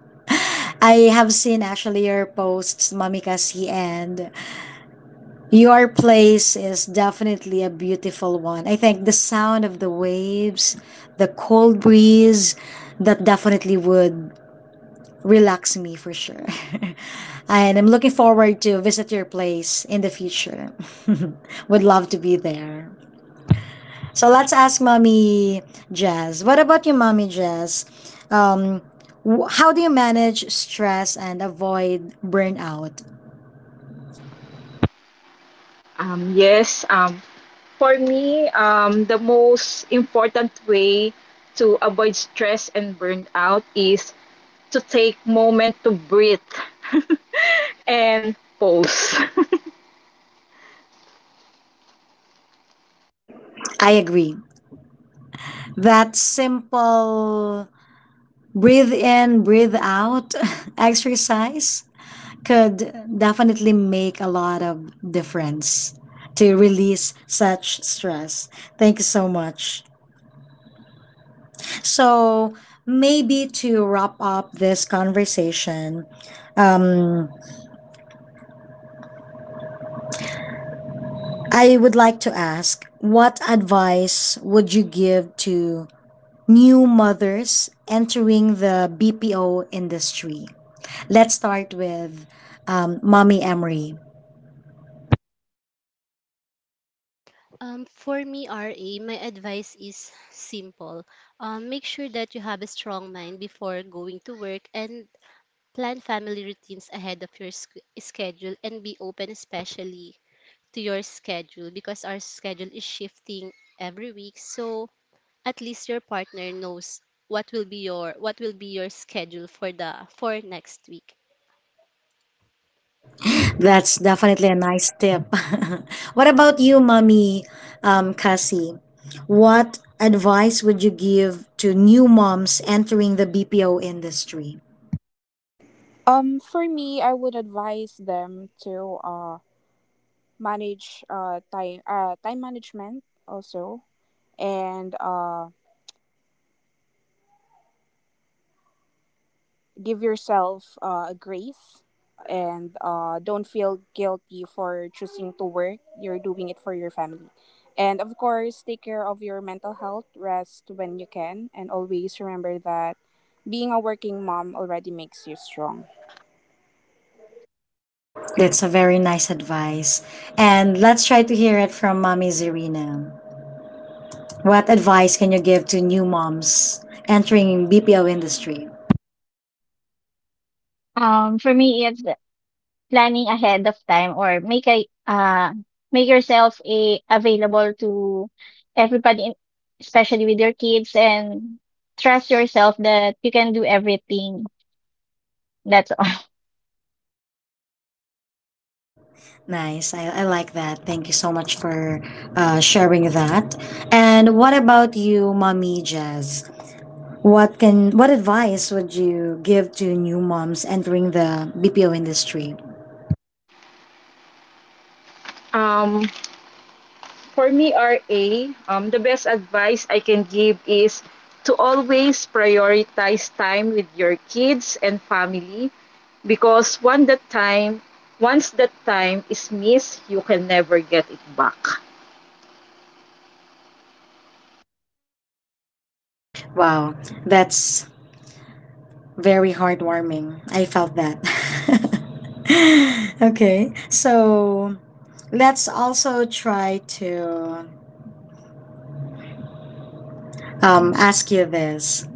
[SPEAKER 1] I have seen actually your posts, Mommy Cassie, and your place is definitely a beautiful one. I think the sound of the waves, the cold breeze, that definitely would relax me for sure. And I'm looking forward to visit your place in the future. Would love to be there. So let's ask Mommy Jazz. What about you, Mommy Jazz? Um, how do you manage stress and avoid burnout?
[SPEAKER 7] Um, yes, um, For me, the most important way to avoid stress and burnout is to take moment to breathe and pause.
[SPEAKER 1] I agree. That simple breathe in, breathe out exercise could definitely make a lot of difference to release such stress. Thank you so much. So, maybe to wrap up this conversation, um, I would like to ask what advice would you give to new mothers entering the BPO industry? Let's start with Mommy Emery.
[SPEAKER 6] For me, RA, my advice is simple. Make sure that you have a strong mind before going to work and plan family routines ahead of your schedule and be open, especially to your schedule, because our schedule is shifting every week. So at least your partner knows what will be your schedule for the for next week.
[SPEAKER 1] That's definitely a nice tip. What about you, mommy, Cassie? What advice would you give to new moms entering the BPO industry?
[SPEAKER 2] For me, I would advise them to manage time management also, and give yourself a grace, and don't feel guilty for choosing to work. You're doing it for your family, and of course, take care of your mental health. Rest when you can, and always remember that being a working mom already makes you strong.
[SPEAKER 1] That's a very nice advice. And let's try to hear it from mommy Zirina. What advice can you give to new moms entering BPO industry?
[SPEAKER 4] Um, for me, it's planning ahead of time, or make a make yourself a available to everybody, especially with your kids, and trust yourself that you can do everything. That's all.
[SPEAKER 1] Nice. I like that. Thank you so much for sharing that. And what about you, Mommy Jazz? What advice would you give to new moms entering the BPO industry?
[SPEAKER 7] um, for me, RA, the best advice I can give is to always prioritize time with your kids and family because once that time is missed, you can never get it back.
[SPEAKER 1] Wow, that's very heartwarming. I felt that. Okay. So, let's also try to ask you this.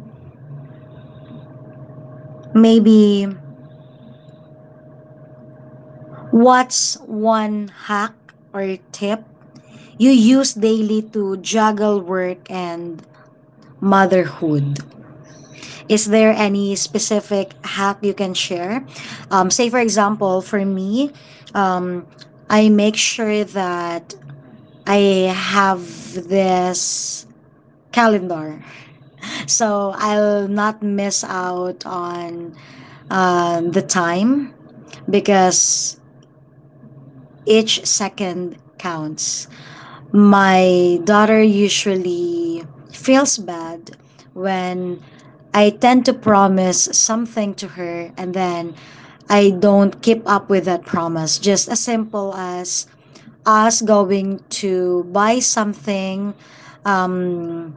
[SPEAKER 1] Maybe what's one hack or tip you use daily to juggle work and motherhood? Is there any specific hack you can share? Say, for example, for me, um, I make sure that I have this calendar so I'll not miss out on the time because each second counts. My daughter usually feels bad when I tend to promise something to her and then I don't keep up with that promise. Just as simple as us going to buy something um,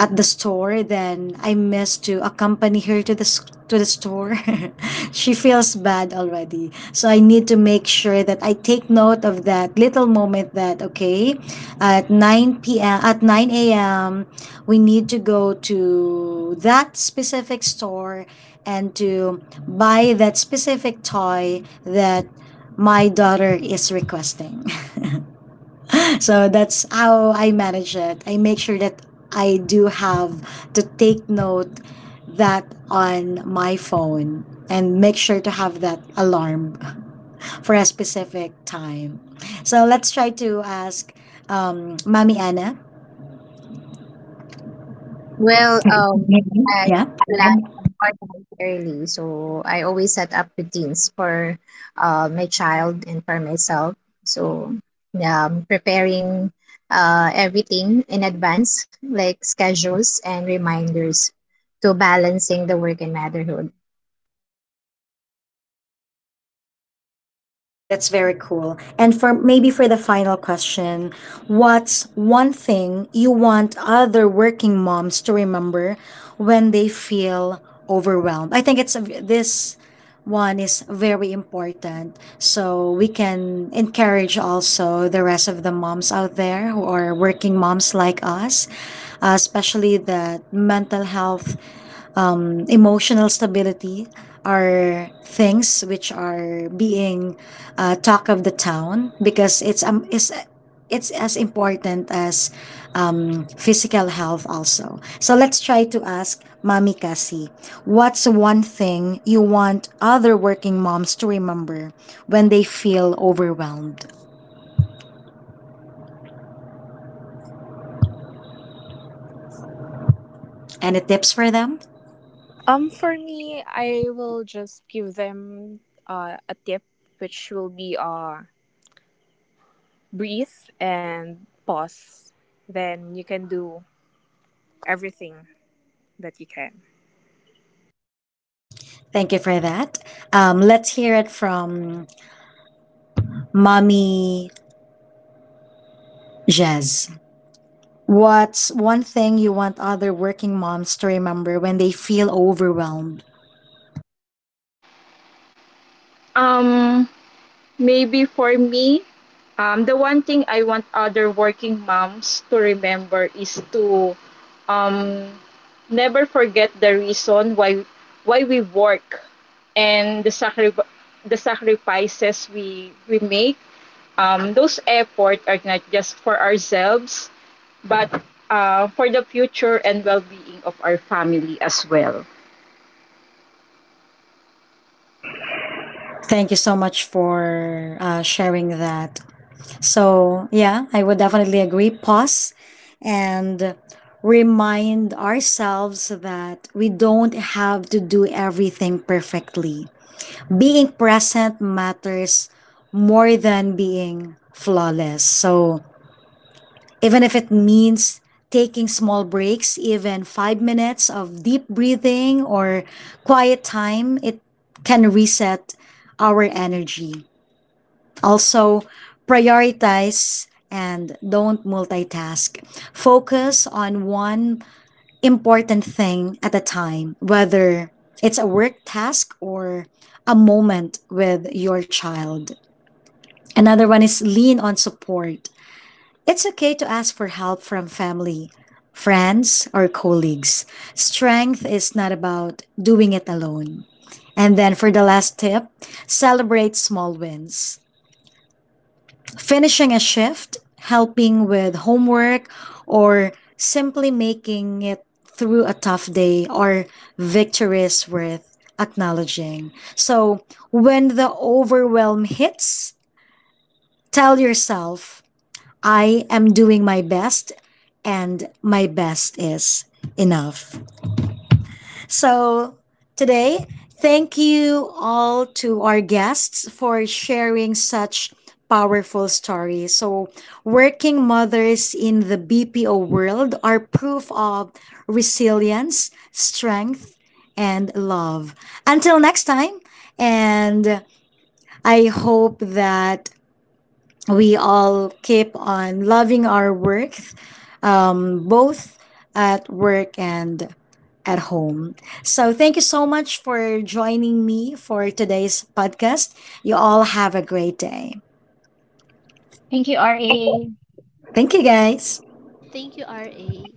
[SPEAKER 1] at the store, then I miss to accompany her to to the store. She feels bad already. So I need to make sure that I take note of that little moment that okay, at 9 p.m. at 9 a.m. we need to go to that specific store and to buy that specific toy that my daughter is requesting. So that's how I manage it. I make sure that I do have to take note that on my phone and make sure to have that alarm for a specific time. So let's try to ask Mami Anna.
[SPEAKER 5] Well, I
[SPEAKER 1] Yeah.
[SPEAKER 5] plan and organize early, so I always set up routines for my child and for myself. So, preparing everything in advance, like schedules and reminders, to balancing the work and motherhood.
[SPEAKER 1] That's very cool. And for maybe for the final question, what's one thing you want other working moms to remember when they feel overwhelmed? I think this one is very important. So we can encourage also the rest of the moms out there who are working moms like us, especially that mental health emotional stability are things which are being talk of the town because it's as important as physical health also. So let's try to ask Mami Kasi, what's one thing you want other working moms to remember when they feel overwhelmed? Any tips for them?
[SPEAKER 2] For me, I will just give them a tip, which will be breathe and pause. Then you can do everything that you can.
[SPEAKER 1] Thank you for that. Let's hear it from Mommy Jez. What's one thing you want other working moms to remember when they feel overwhelmed?
[SPEAKER 7] Um, Maybe for me, the one thing I want other working moms to remember is to um, never forget the reason why we work and the sacrifices we make. Those efforts are not just for ourselves, but for the future and well-being of our family as well.
[SPEAKER 1] Thank you so much for sharing that. So, yeah, I would definitely agree. Pause and remind ourselves that we don't have to do everything perfectly. Being present matters more than being flawless. So, even if it means taking small breaks, even 5 minutes of deep breathing or quiet time, it can reset our energy. Also, prioritize and don't multitask. Focus on one important thing at a time, whether it's a work task or a moment with your child. Another one is lean on support. It's okay to ask for help from family, friends, or colleagues. Strength is not about doing it alone. And then for the last tip, celebrate small wins. Finishing a shift, helping with homework, or simply making it through a tough day are victories worth acknowledging. So when the overwhelm hits, tell yourself, I am doing my best and my best is enough. So today, thank you all to our guests for sharing such powerful stories. So working mothers in the BPO world are proof of resilience, strength, and love. Until next time, and I hope that we all keep on loving our work, both at work and at home. So, thank you so much for joining me for today's podcast. You all have a great day.
[SPEAKER 4] Thank you, RA.
[SPEAKER 1] Thank you, guys.
[SPEAKER 6] Thank you, RA.